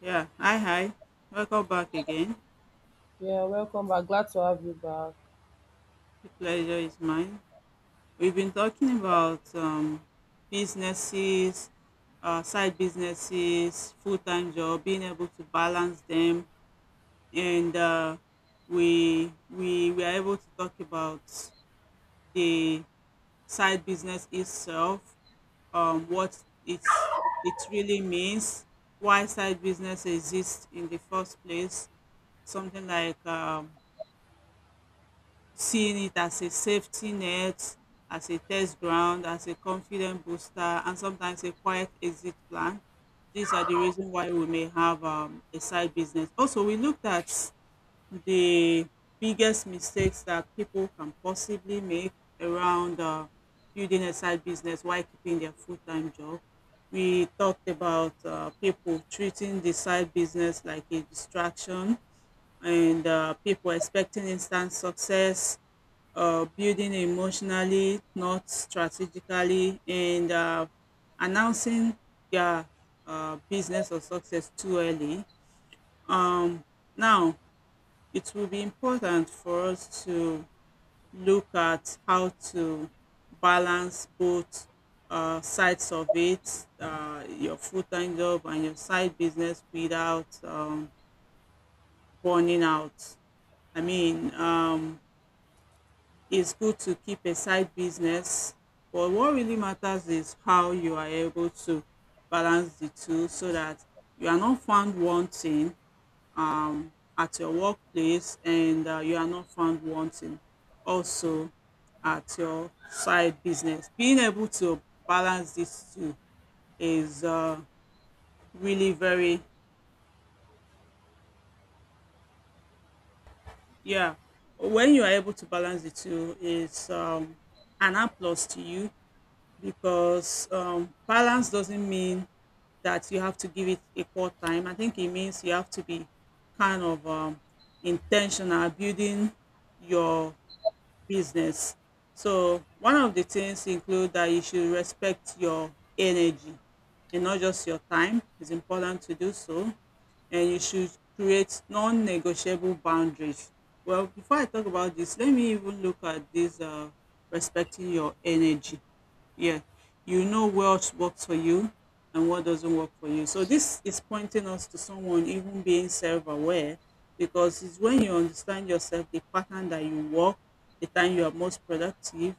Yeah, hi, hi. Welcome back again. Yeah, welcome back. Glad to have you back. The pleasure is mine. We've been talking about businesses, side businesses, full time job, being able to balance them, and we were able to talk about the side business itself, what it really means, why side business exists in the first place, something like seeing it as a safety net, as a test ground, as a confident booster, and sometimes a quiet exit plan. These are the reasons why we may have a side business. Also, we looked at the biggest mistakes that people can possibly make around building a side business while keeping their full time job. We talked about people treating the side business like a distraction and people expecting instant success, building emotionally, not strategically, and announcing their business or success too early. Um, Now, it will be important for us to look at how to balance both sides of it, your full time job and your side business without burning out. I mean, it's good to keep a side business, but what really matters is how you are able to balance the two so that you are not found wanting um, at your workplace and you are not found wanting also at your side business. Being able to balance these two is really very, yeah. When you are able to balance the two, is an applause to you because balance doesn't mean that you have to give it equal time. I think it means you have to be kind of intentional building your business. So one of the things include that you should respect your energy and not just your time. It's important to do so, and you should create non-negotiable boundaries. Well, before I talk about this, let me even look at this, respecting your energy. Yeah, you know what works for you and what doesn't work for you, so this is pointing us to someone even being self-aware, because it's when you understand yourself, the pattern that you work, the time you are most productive,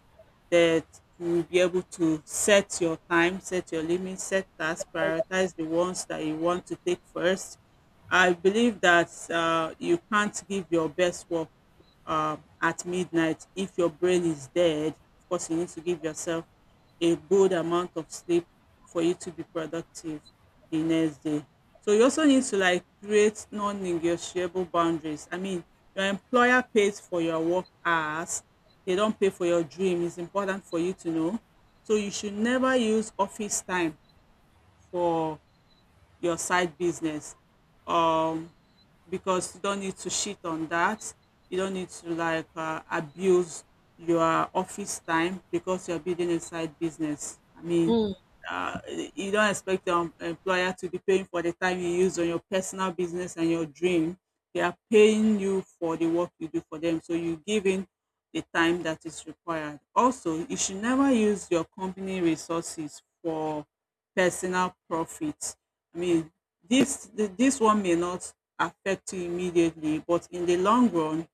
that you will be able to set your time, set your limits, set tasks, Alright, okay. prioritize the ones that you want to take first. I believe that you can't give your best work at midnight if your brain is dead. Of course you need to give yourself a good amount of sleep for you to be productive the next day. So you also need to like create non-negotiable boundaries. I mean, your employer pays for your work hours. They don't pay for your dream. It's important for you to know. So you should never use office time for your side business, um because you don't need to shit on that. You don't need to like abuse your office time because you're building a side business. I mean, Mm. uh, you don't expect your employer to be paying for the time you use on your personal business and your dream. They are paying you for the work you do for them, so you give in the time that is required. Also, you should never use your company resources for personal profit. I mean, this one may not affect you immediately, but in the long run,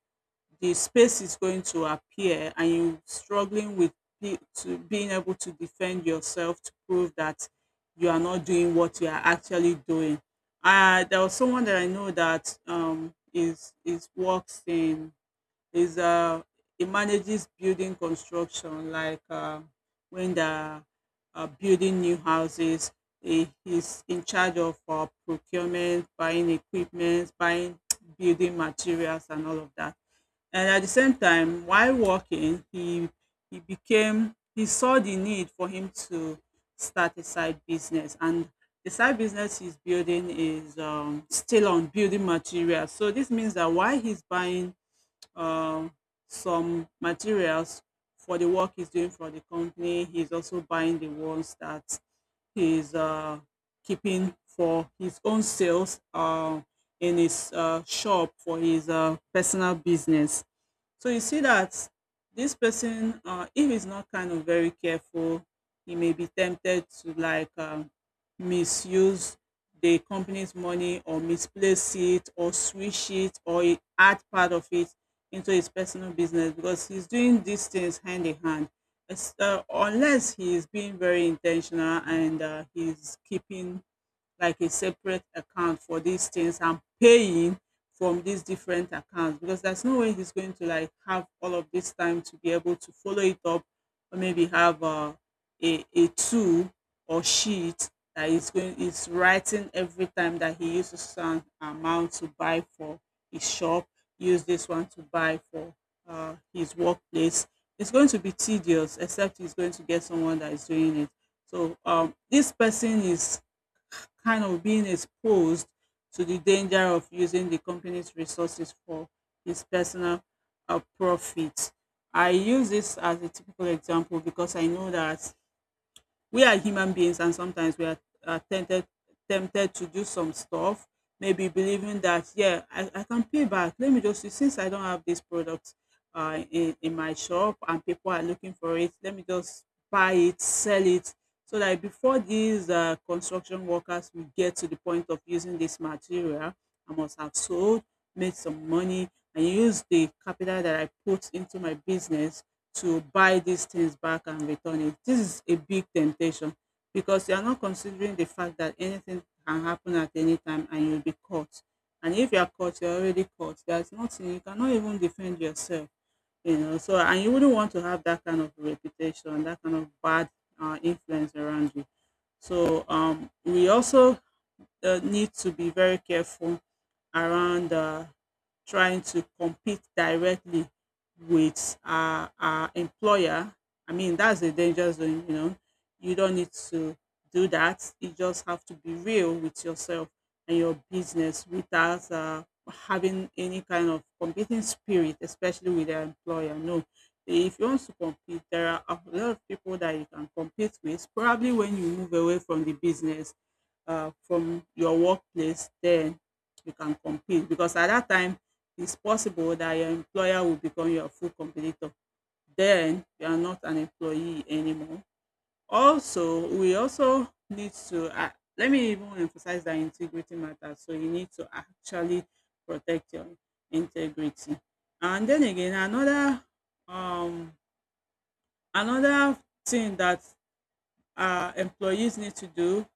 the space is going to appear, and you are struggling with, to being able to defend yourself, to prove that you are not doing what you are actually doing. There was someone that I know that, is works in, is, it manages building construction, like when the, building new houses, he's in charge of procurement, buying equipment, buying building materials and all of that. And at the same time while working, he saw the need for him to start a side business. And the side business he's building is, still on building materials. So this means that while he's buying um, some materials for the work he's doing for the company, he's also buying the ones that he's, keeping for his own sales, in his shop for his personal business. So you see that this person, if he's not kind of very careful, he may be tempted to like misuse the company's money or misplace it or switch it or add part of it into his personal business, because he's doing these things hand in hand. It's, unless he is being very intentional and he's keeping like a separate account for these things and paying from these different accounts, because there's no way he's going to like have all of this time to be able to follow it up, or maybe have, a tool or sheet that is writing every time that he uses some amount to buy for his shop, use this one to buy for his workplace. It's going to be tedious except he's going to get someone that is doing it. So this person is kind of being exposed to the danger of using the company's resources for his personal, profit. I use this as a typical example because I know that we are human beings, and sometimes we are tempted to do some stuff, maybe believing that, yeah, I can pay back. Let me just see, since I don't have this product, in my shop, and people are looking for it, let me just buy it, sell it, so that before these construction workers will get to the point of using this material, I must have sold, made some money, and use the capital that I put into my business to buy these things back and return it. This is a big temptation because you are not considering the fact that anything can happen at any time and you'll be caught. And if you are caught, you're already caught. There's nothing. You cannot even defend yourself. So, and you wouldn't want to have that kind of reputation, that kind of bad influence around you. So, we also, need to be very careful around trying to compete directly with our employer. I mean, that's a danger zone, you know. You don't need to do that. You just have to be real with yourself and your business without having any kind of competing spirit, especially with your employer. No, if you want to compete, there are a lot of people that you can compete with. Probably when you move away from the business, from your workplace, then you can compete, because at that time it's possible that your employer will become your full competitor. Then you are not an employee anymore. Also, we also need to, let me even emphasize that integrity matters. So you need to actually protect your integrity. And then again, um another thing that employees need to do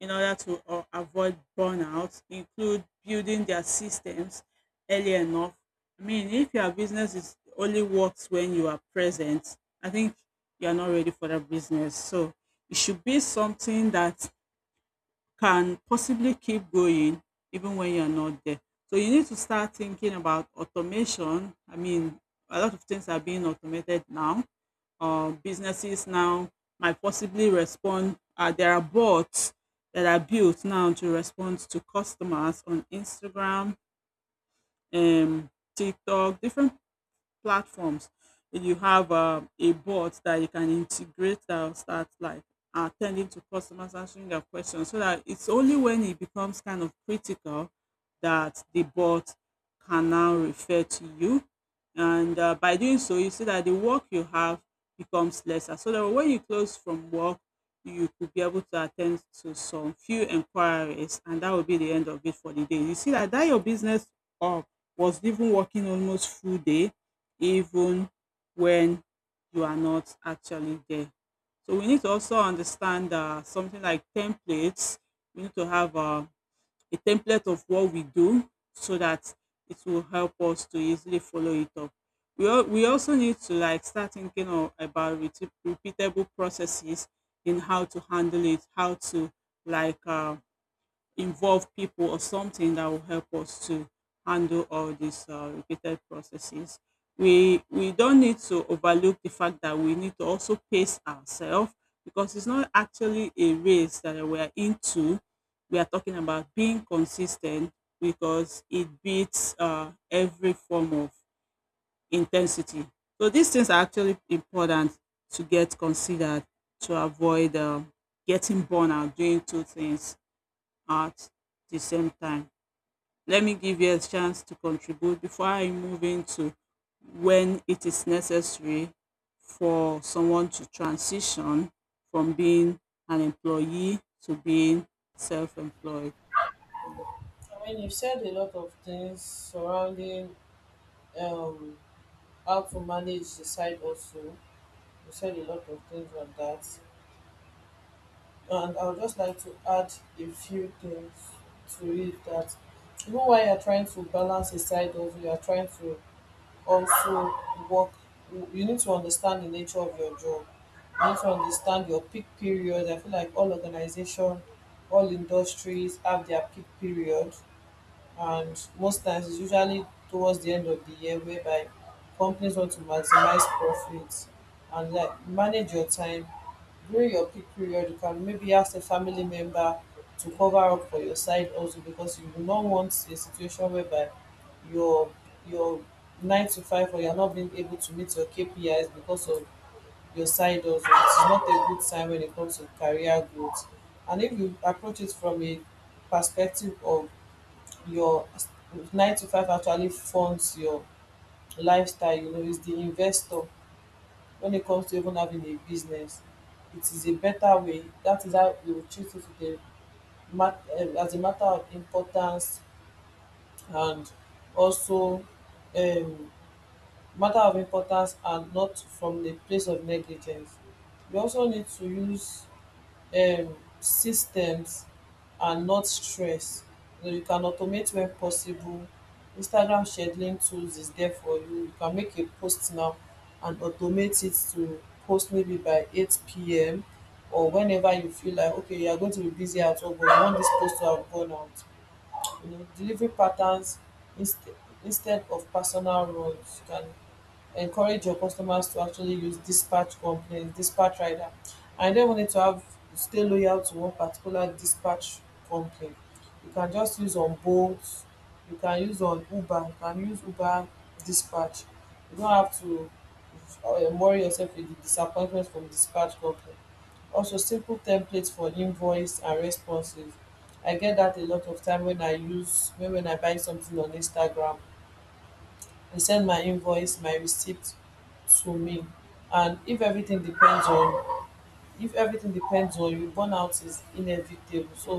in order to avoid burnout include building their systems early enough. I mean, if your business is only works when you are present, I think you are not ready for that business. So it should be something that can possibly keep going even when you're not there. So you need to start thinking about automation. I mean, a lot of things are being automated now. Businesses now might possibly respond. There are bots that are built now to respond to customers on Instagram, um, TikTok, different platforms. You have a bot that you can integrate that will start like attending to customers, answering their questions, so that it's only when it becomes kind of critical that the bot can now refer to you. And by doing so, you see that the work you have becomes lesser. So that when you close from work, you could be able to attend to some few inquiries, and that will be the end of it for the day. You see that your business, uh, was even working almost full day, even when you are not actually there. So we need to also understand, something like templates. We need to have, a template of what we do so that it will help us to easily follow it up. We also need to like start thinking about repeatable processes in how to handle it, how to like involve people or something that will help us to handle all these repeated processes. We don't need to overlook the fact that we need to also pace ourselves because it's not actually a race that we are into. We are talking about being consistent because it beats every form of intensity. So these things are actually important to get considered to avoid getting burnout doing two things at the same time. Let me give you a chance to contribute before I move into when it is necessary for someone to transition from being an employee to being self-employed. Yeah. I mean, you've said a lot of things surrounding um, how to manage the site also. You said a lot of things on that. And I would just like to add a few things to it that you know why you're trying to balance a side hustle, you're trying to also work you need to understand the nature of your job. I need to understand your peak period. I feel like all organization, all industries have their peak period, and most times it's usually towards the end of the year, whereby companies want to maximize profits and like manage your time during your peak period. You can maybe ask a family member to cover up for your side also because you do not want a situation whereby your your 9 to 5, or you're not being able to meet your KPIs because of your side hustle. It's not a good sign when it comes to career growth. And if you approach it from a perspective of your 9 to 5 actually funds your lifestyle, you know, is the investor when it comes to even having a business. It is a better way. That is how you will treat it with a as a matter of importance and also, um, matter of importance and not from the place of negligence. You also need to use um systems and not stress. So you can automate when possible. Instagram scheduling tools is there for you. You can make a post now and automate it to post maybe by 8 p.m. or whenever you feel like, okay, you are going to be busy at all, but you want this post to have gone out. You know, delivery patterns inst- instead of personal runs. You can encourage your customers to actually use dispatch companies, dispatch rider. I don't want it to have stay loyal to one particular dispatch company. You can just use on Bolt, you can use on Uber, you can use Uber dispatch. You don't have to worry yourself with the disappointment from dispatch company. Also, simple templates for invoice and responses. I get that a lot of time when when I buy something on Instagram, they send my invoice, my receipt to me. And if everything depends on you, burnout is inevitable. So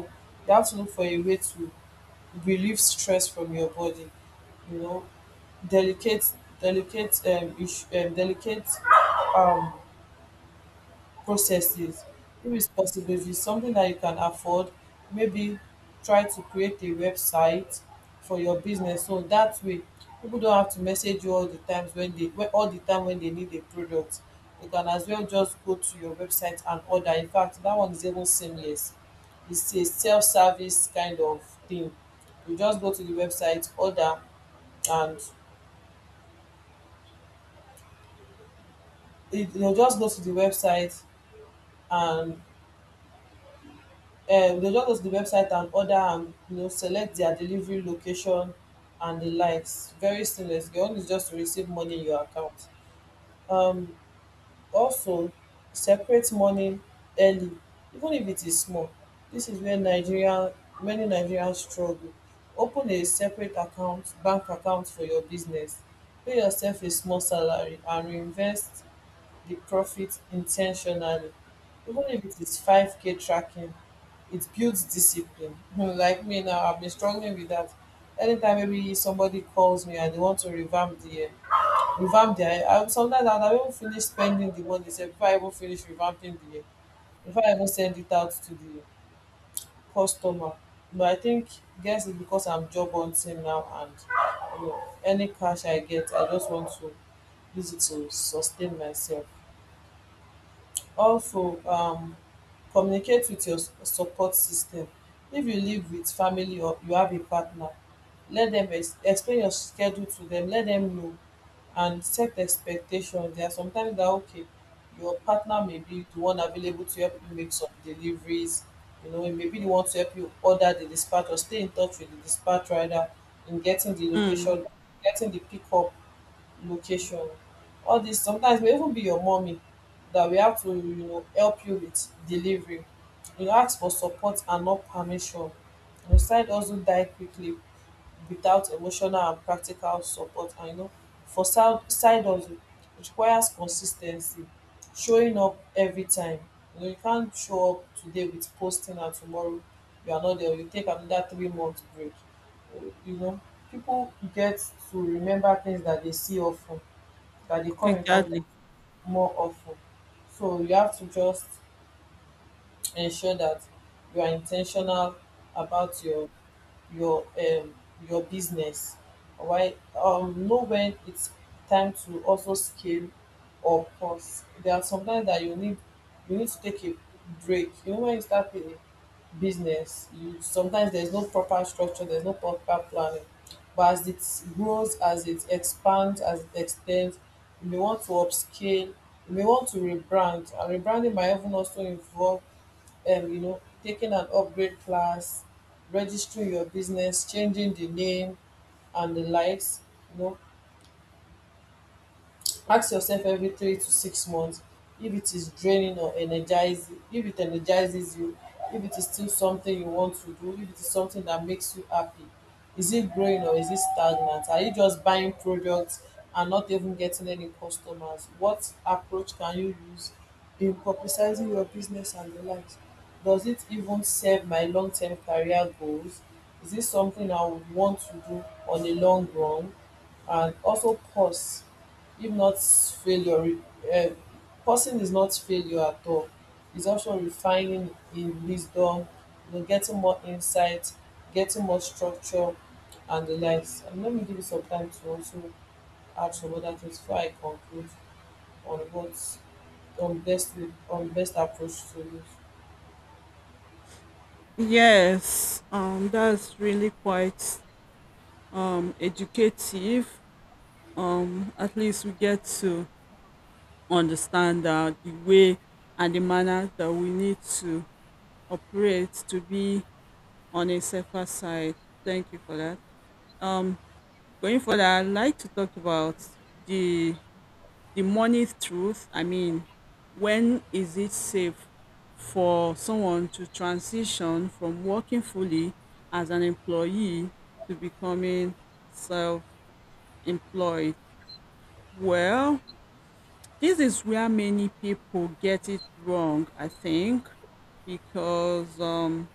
you have to look for a way to relieve stress from your body, you know, delicate delicate um processes. If it's possible, if it's something that you can afford, maybe try to create a website for your business so that way people don't have to message you all the time when they need a product. You can as well just go to your website and order. In fact, that one is even seamless. It's a self-service kind of thing. You just go to the website, order, and you'll just go to the website and they just go to the website and order, and you know, select their delivery location and the likes. Very seamless. Your own is just to receive money in your account. um Also, separate money early, even if it is small. This is where Nigeria, many Nigerians struggle. Open a separate account, bank account for your business. Pay yourself a small salary and reinvest the profit intentionally, even if it is 5k. Tracking, it builds discipline. Like me now, I've been struggling with that. Anytime maybe somebody calls me and they want to revamp the revamp their, sometimes I'll never finish spending the money sef before I even finish before I even send it out to the customer. But guess it's because I'm job hunting now, and you know, any cash I get, I just want to use it to sustain myself. Also, communicate with your support system. If you live with family or you have a partner, let them explain your schedule to them, let them know, and set expectations. There are sometimes that okay, your partner may be the one available to help you make some deliveries, you know, maybe the one to help you order the dispatch or stay in touch with the dispatch rider in getting the Mm, location, getting the pickup location. All this sometimes may even be your mommy that we have to, you know, help you with delivery. You know, ask for support and not permission. You know, side hustle die quickly without emotional and practical support. And you know, for side hustle, it requires consistency, showing up every time. You know, you can't show up today with posting and tomorrow you are not there, you take another 3 month break. You know, people get to remember things that they see often, that they come in exactly. contact more often. So you have to just ensure that you are intentional about your um your business. Alright, know when it's time to also scale or pause. There are sometimes that you need to take a break. You know, when you start a business, you sometimes there's no proper structure, there's no proper planning, but as it grows, as it expands, as it extends, you may want to upscale, you may want to rebrand. And rebranding might even also involve, you know, taking an upgrade class, registering your business, changing the name and the likes. You know, ask yourself every 3 to 6 months if it is draining or energizing, if it energizes you, if it is still something you want to do, if it is something that makes you happy. Is it growing or is it stagnant? Are you just buying products and not even getting any customers? What approach can you use in publicizing your business and the likes? Does it even serve my long term career goals? Is this something I would want to do on a long run? And also pause, if not failure. um Pausing is not failure at all. It's also refining in wisdom, you know, getting more insight, getting more structure and the likes. And let me give you some time to also add some other things before I conclude on what on best on best approach to use. Yes, that's really quite educative. At least we get to understand that the way and the manner that we need to operate to be on a safer side. Thank you for that. Um, Going further, I'd like to talk about the the money truth. I mean, when is it safe for someone to transition from working fully as an employee to becoming self-employed? Well, this is where many people get it wrong, I think, because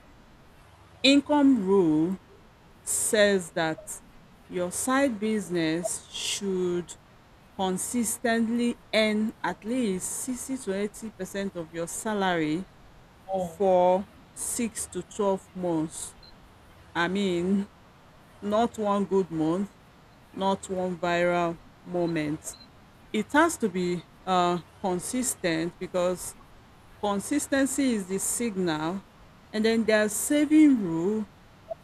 income rule says that your side business should consistently earn at least 60 to 80% of your salary Mm. for 6 to 12 months. I mean, not one good month, not one viral moment. It has to be consistent because consistency is the signal. And then there's saving rule.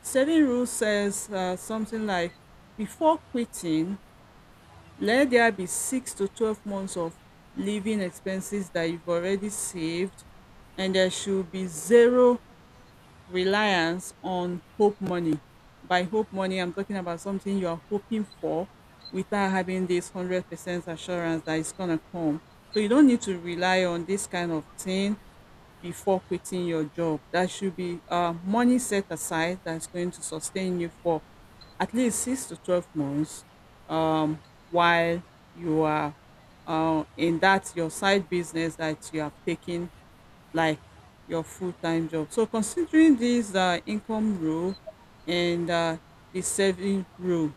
Setting rule says something like, before quitting, let there be 6 to 12 months of living expenses that you've already saved, and there should be zero reliance on hope money. By hope money, I'm talking about something you are hoping for without having this 100% assurance that it's going to come. So you don't need to rely on this kind of thing before quitting your job. That should be money set aside that's going to sustain you for at least 6 to 12 months, um, while you are in that your side business that you have taken like your full-time job. So considering this income rule and the saving rule,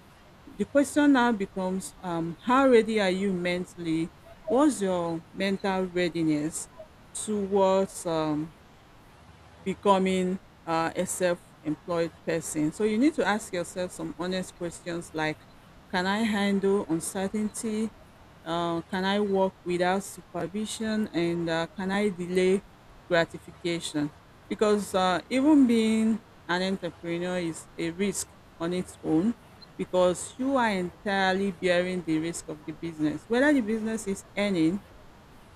the question now becomes, how ready are you mentally? What's your mental readiness towards becoming a self-employed person? So you need to ask yourself some honest questions like, can I handle uncertainty? Can I work without supervision? And can I delay gratification? Because even being an entrepreneur is a risk on its own because you are entirely bearing the risk of the business. Whether the business is earning,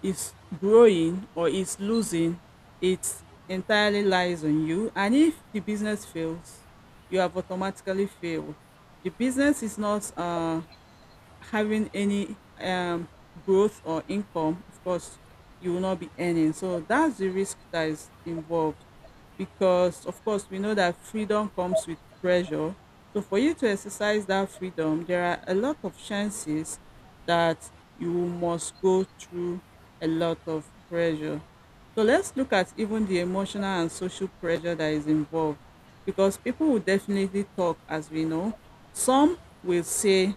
is growing, or is losing, it entirely lies on you. And if the business fails, you have automatically failed. The business is not having any growth or income, of course, you will not be earning. So that's the risk that is involved because, of course, we know that freedom comes with pressure. So for you to exercise that freedom, there are a lot of chances that you must go through a lot of pressure. So let's look at even the emotional and social pressure that is involved because people will definitely talk, as we know. Some will say,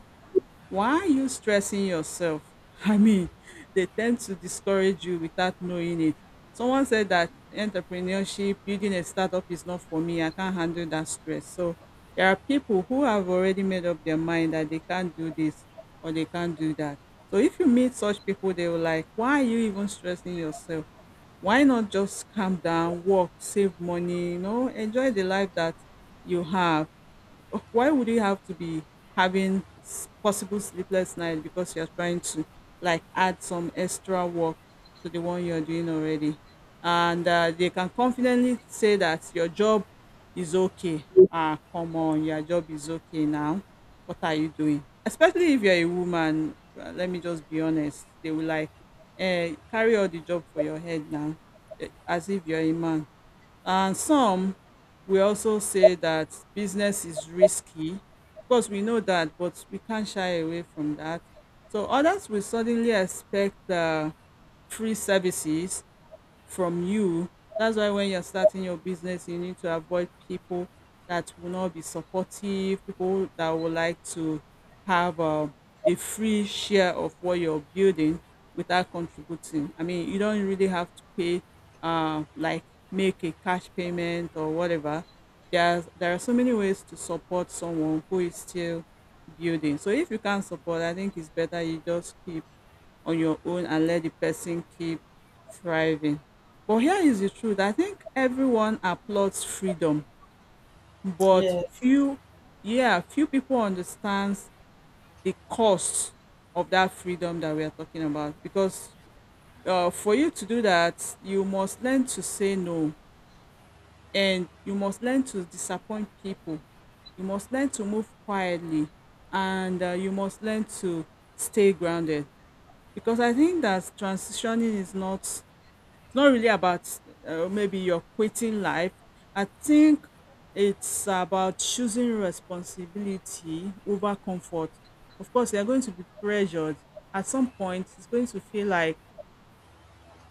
why are you stressing yourself? I mean, they tend to discourage you without knowing it. Someone said that entrepreneurship, building a startup is not for me. I can't handle that stress. So there are people who have already made up their mind that they can't do this or they can't do that. So if you meet such people, they will like, why are you even stressing yourself? Why not just calm down, work, save money, you know, enjoy the life that you have? Why would you have to be having possible sleepless night because you're trying to like add some extra work to the one you're doing already? And they can confidently say that your job is okay. Ah, come on, your job is okay now. What are you doing, especially if you're a woman? Let me just be honest, they will like, carry all the job for your head now, eh, as if you're a man. And some will also say that business is risky. Of course, we know that, but we can't shy away from that. So others will suddenly expect free services from you. That's why when you're starting your business, you need to avoid people that will not be supportive, people that would like to have a free share of what you're building without contributing. I mean, you don't really have to pay, like make a cash payment or whatever. There are so many ways to support someone who is still building. So if you can't support, I think it's better you just keep on your own and let the person keep thriving. But here is the truth. I think everyone applauds freedom, but Yes. few, yeah, few people understands the cost of that freedom that we are talking about. Because for you to do that, you must learn to say no, and you must learn to disappoint people. You must learn to move quietly, and you must learn to stay grounded. Because I think that transitioning is not, it's not really about maybe you're quitting life. I think it's about choosing responsibility over comfort. Of course, you're going to be pressured. At some point, it's going to feel like,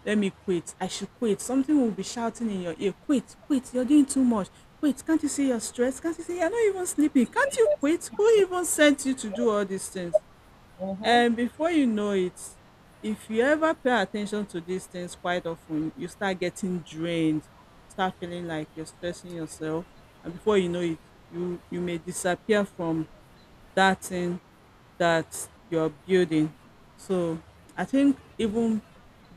let me quit. I should quit. Something will be shouting in your ear, quit, quit. You're doing too much. Quit. Can't you see you're stressed? Can't you see you're not even sleeping? Can't you quit? Who even sent you to do all these things? Mm-hmm. And before you know it, if you ever pay attention to these things quite often, you start getting drained, you start feeling like you're stressing yourself. And before you know it, you may disappear from that thing that you're building. So I think even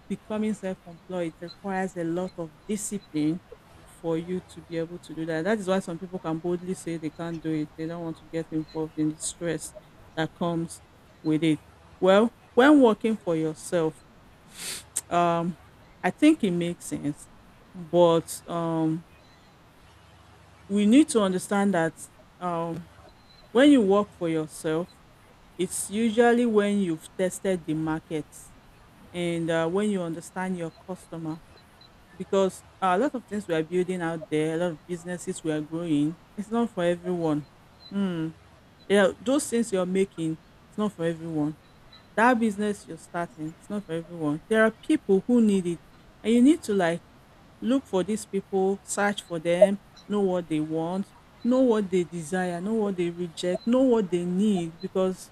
becoming self-employed requires a lot of discipline for you to be able to do that. That is why some people can boldly say they can't do it. They don't want to get involved in the stress that comes with it. Well, when working for yourself, um, I think it makes sense, but we need to understand that um, when you work for yourself, it's usually when you've tested the market and when you understand your customer because a lot of things we are building out there, a lot of businesses we are growing, it's not for everyone. Hmm. Yeah, those things you're making, it's not for everyone. That business you're starting, it's not for everyone. There are people who need it, and you need to like look for these people, search for them, know what they want, know what they desire, know what they reject, know what they need, because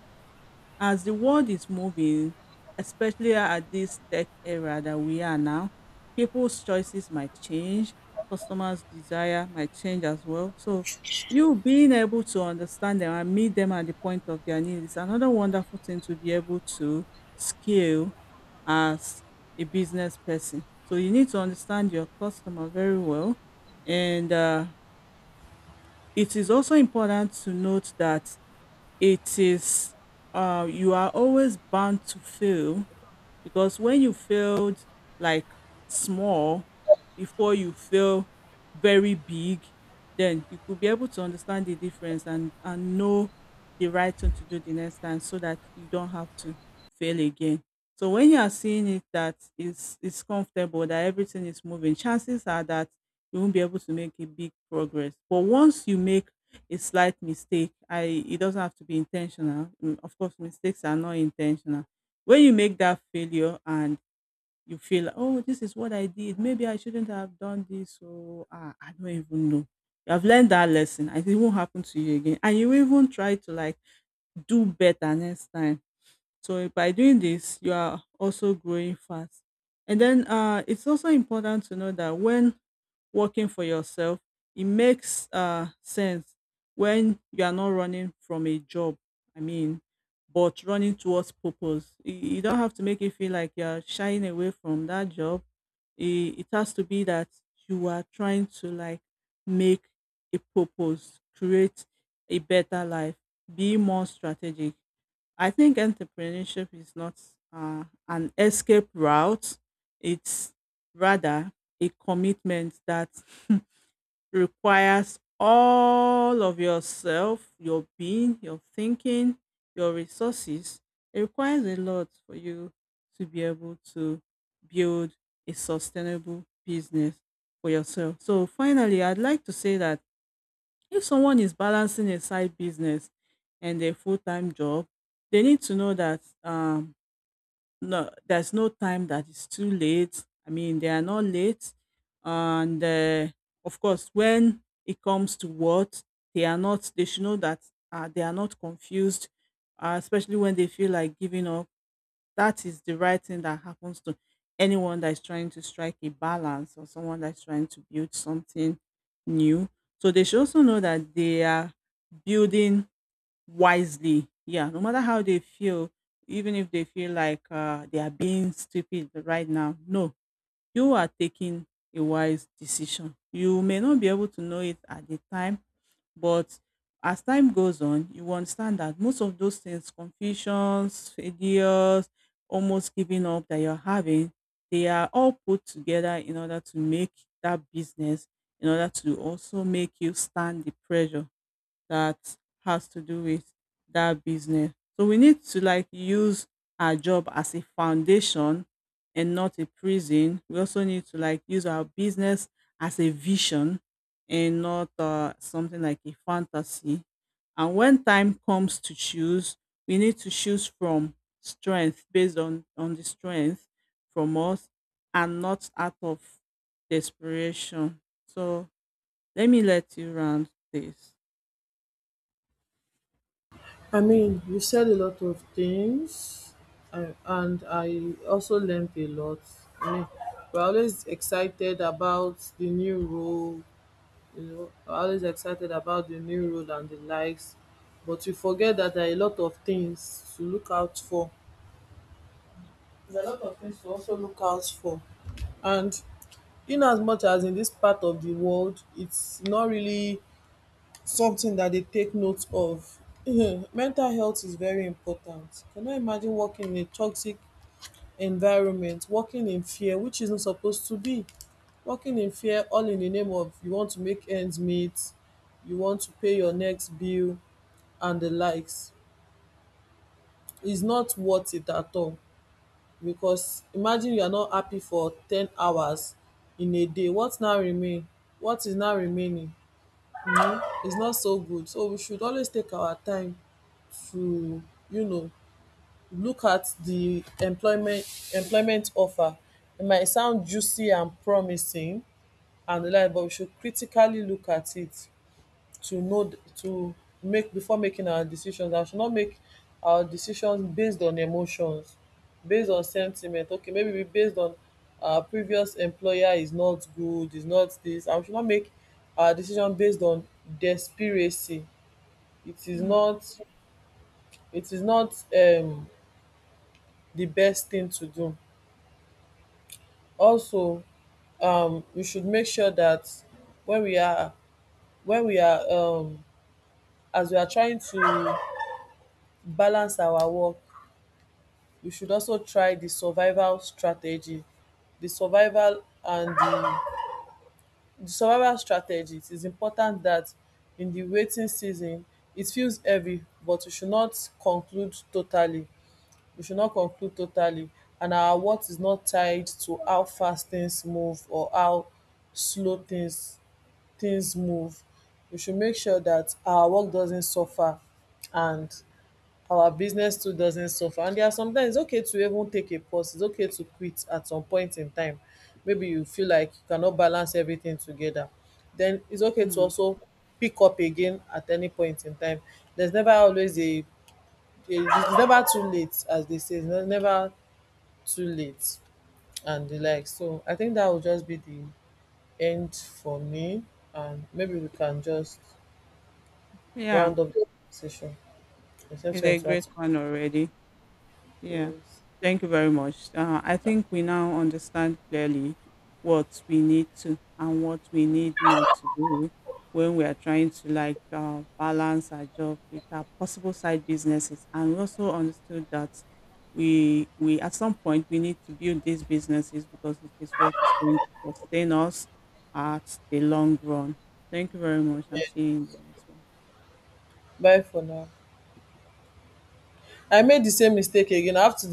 as the world is moving, especially at this tech era that we are now, people's choices might change, customers' desire might change as well. So, you being able to understand them and meet them at the point of their need is another wonderful thing to be able to scale as a business person. So, you need to understand your customer very well. And it is also important to note that it is you are always bound to fail because when you failed like small before you fail very big, then you could be able to understand the difference and know the right thing to do the next time so that you don't have to fail again. So when you are seeing it that is comfortable, that everything is moving, chances are that you won't be able to make a big progress, but once you make a slight mistake, I it doesn't have to be intentional. Mm, of course mistakes are not intentional. When you make that failure and you feel, oh, this is what I did, maybe I shouldn't have done this, or ah, I don't even know, you have learned that lesson and it won't happen to you again, and you even try to like do better next time. So by doing this, you are also growing fast. And then it's also important to know that when working for yourself, it makes sense when you are not running from a job. I mean, but running towards purpose. You don't have to make it feel like you're shying away from that job. It has to be that you are trying to like make a purpose, create a better life, be more strategic. I think entrepreneurship is not an escape route. It's rather a commitment that requires all of yourself, your being, your thinking, your resources. It requires a lot for you to be able to build a sustainable business for yourself. So, finally, I'd like to say that if someone is balancing a side business and a full-time job, they need to know that no, there's no time that is too late. I mean, they are not late, and of course, when it comes to what they are not, they should know that they are not confused, especially when they feel like giving up, that is the right thing that happens to anyone that is trying to strike a balance or someone that's trying to build something new. So they should also know that they are building wisely. Yeah, no matter how they feel, even if they feel like they are being stupid right now. No, you are taking a wise decision. You may not be able to know it at the time, but as time goes on, you will understand that most of those things, confusions, failures, almost giving up that you're having, they are all put together in order to make that business, in order to also make you stand the pressure that has to do with that business. So we need to like use our job as a foundation and not a prison. We also need to like use our business as a vision and not something like a fantasy. And when time comes to choose, we need to choose from strength, based on the strength from us and not out of desperation. So let me let you round this. I mean, you said a lot of things, and I also learned a lot. I mean, we're always excited about the new role, you know, we're always excited about the new role and the likes, but you forget that there are a lot of things to look out for. There's a lot of things to also look out for. And in as much as in this part of the world, it's not really something that they take note of. Mental health is very important. Can you imagine working in a toxic environment, working in fear, which isn't supposed to be? Working in fear, all in the name of you want to make ends meet, you want to pay your next bill, and the likes, is not worth it at all. Because imagine you are not happy for 10 hours in a day. What is now remaining? You know, it's not so good. So we should always take our time to, you know, look at the employment offer. It might sound juicy and promising and reliable, but we should critically look at it to make before making our decisions, and should not make our decisions based on emotions, based on sentiment. Okay, maybe we based on our previous employer is not good, is not this, and we should not make our decision based on desperacy. It is Hmm. not it is not the best thing to do. Also, we should make sure that when we are when we are, as we are trying to balance our work, we should also try the survival strategy. The survival and the, the survival strategy. It is important that in the waiting season, it feels heavy, but we should not conclude totally. we should not conclude totally and our worth is not tied to how fast things move or how slow things move. We should make sure that our work doesn't suffer and our business too doesn't suffer. And there are sometimes it's okay to even take a pause. It's okay to quit at some point in time. Maybe you feel like you cannot balance everything together. Then it's okay to Mm. also pick up again at any point in time. There's never always a it's never too late, as they say. There's never too late and the like. So I think that will just be the end for me. And maybe we can just Yeah, round up the conversation. Except it's you want a to add great some- one already. Yeah. Yes. Thank you very much. I think we now understand clearly what we need to and what we need not to do when we are trying to like balance our job with our possible side businesses. And we also understood that we at some point we need to build these businesses because it is what is going to sustain us at the long run. Thank you very much and see you in the next one. Bye for now. I made the same mistake again. I have to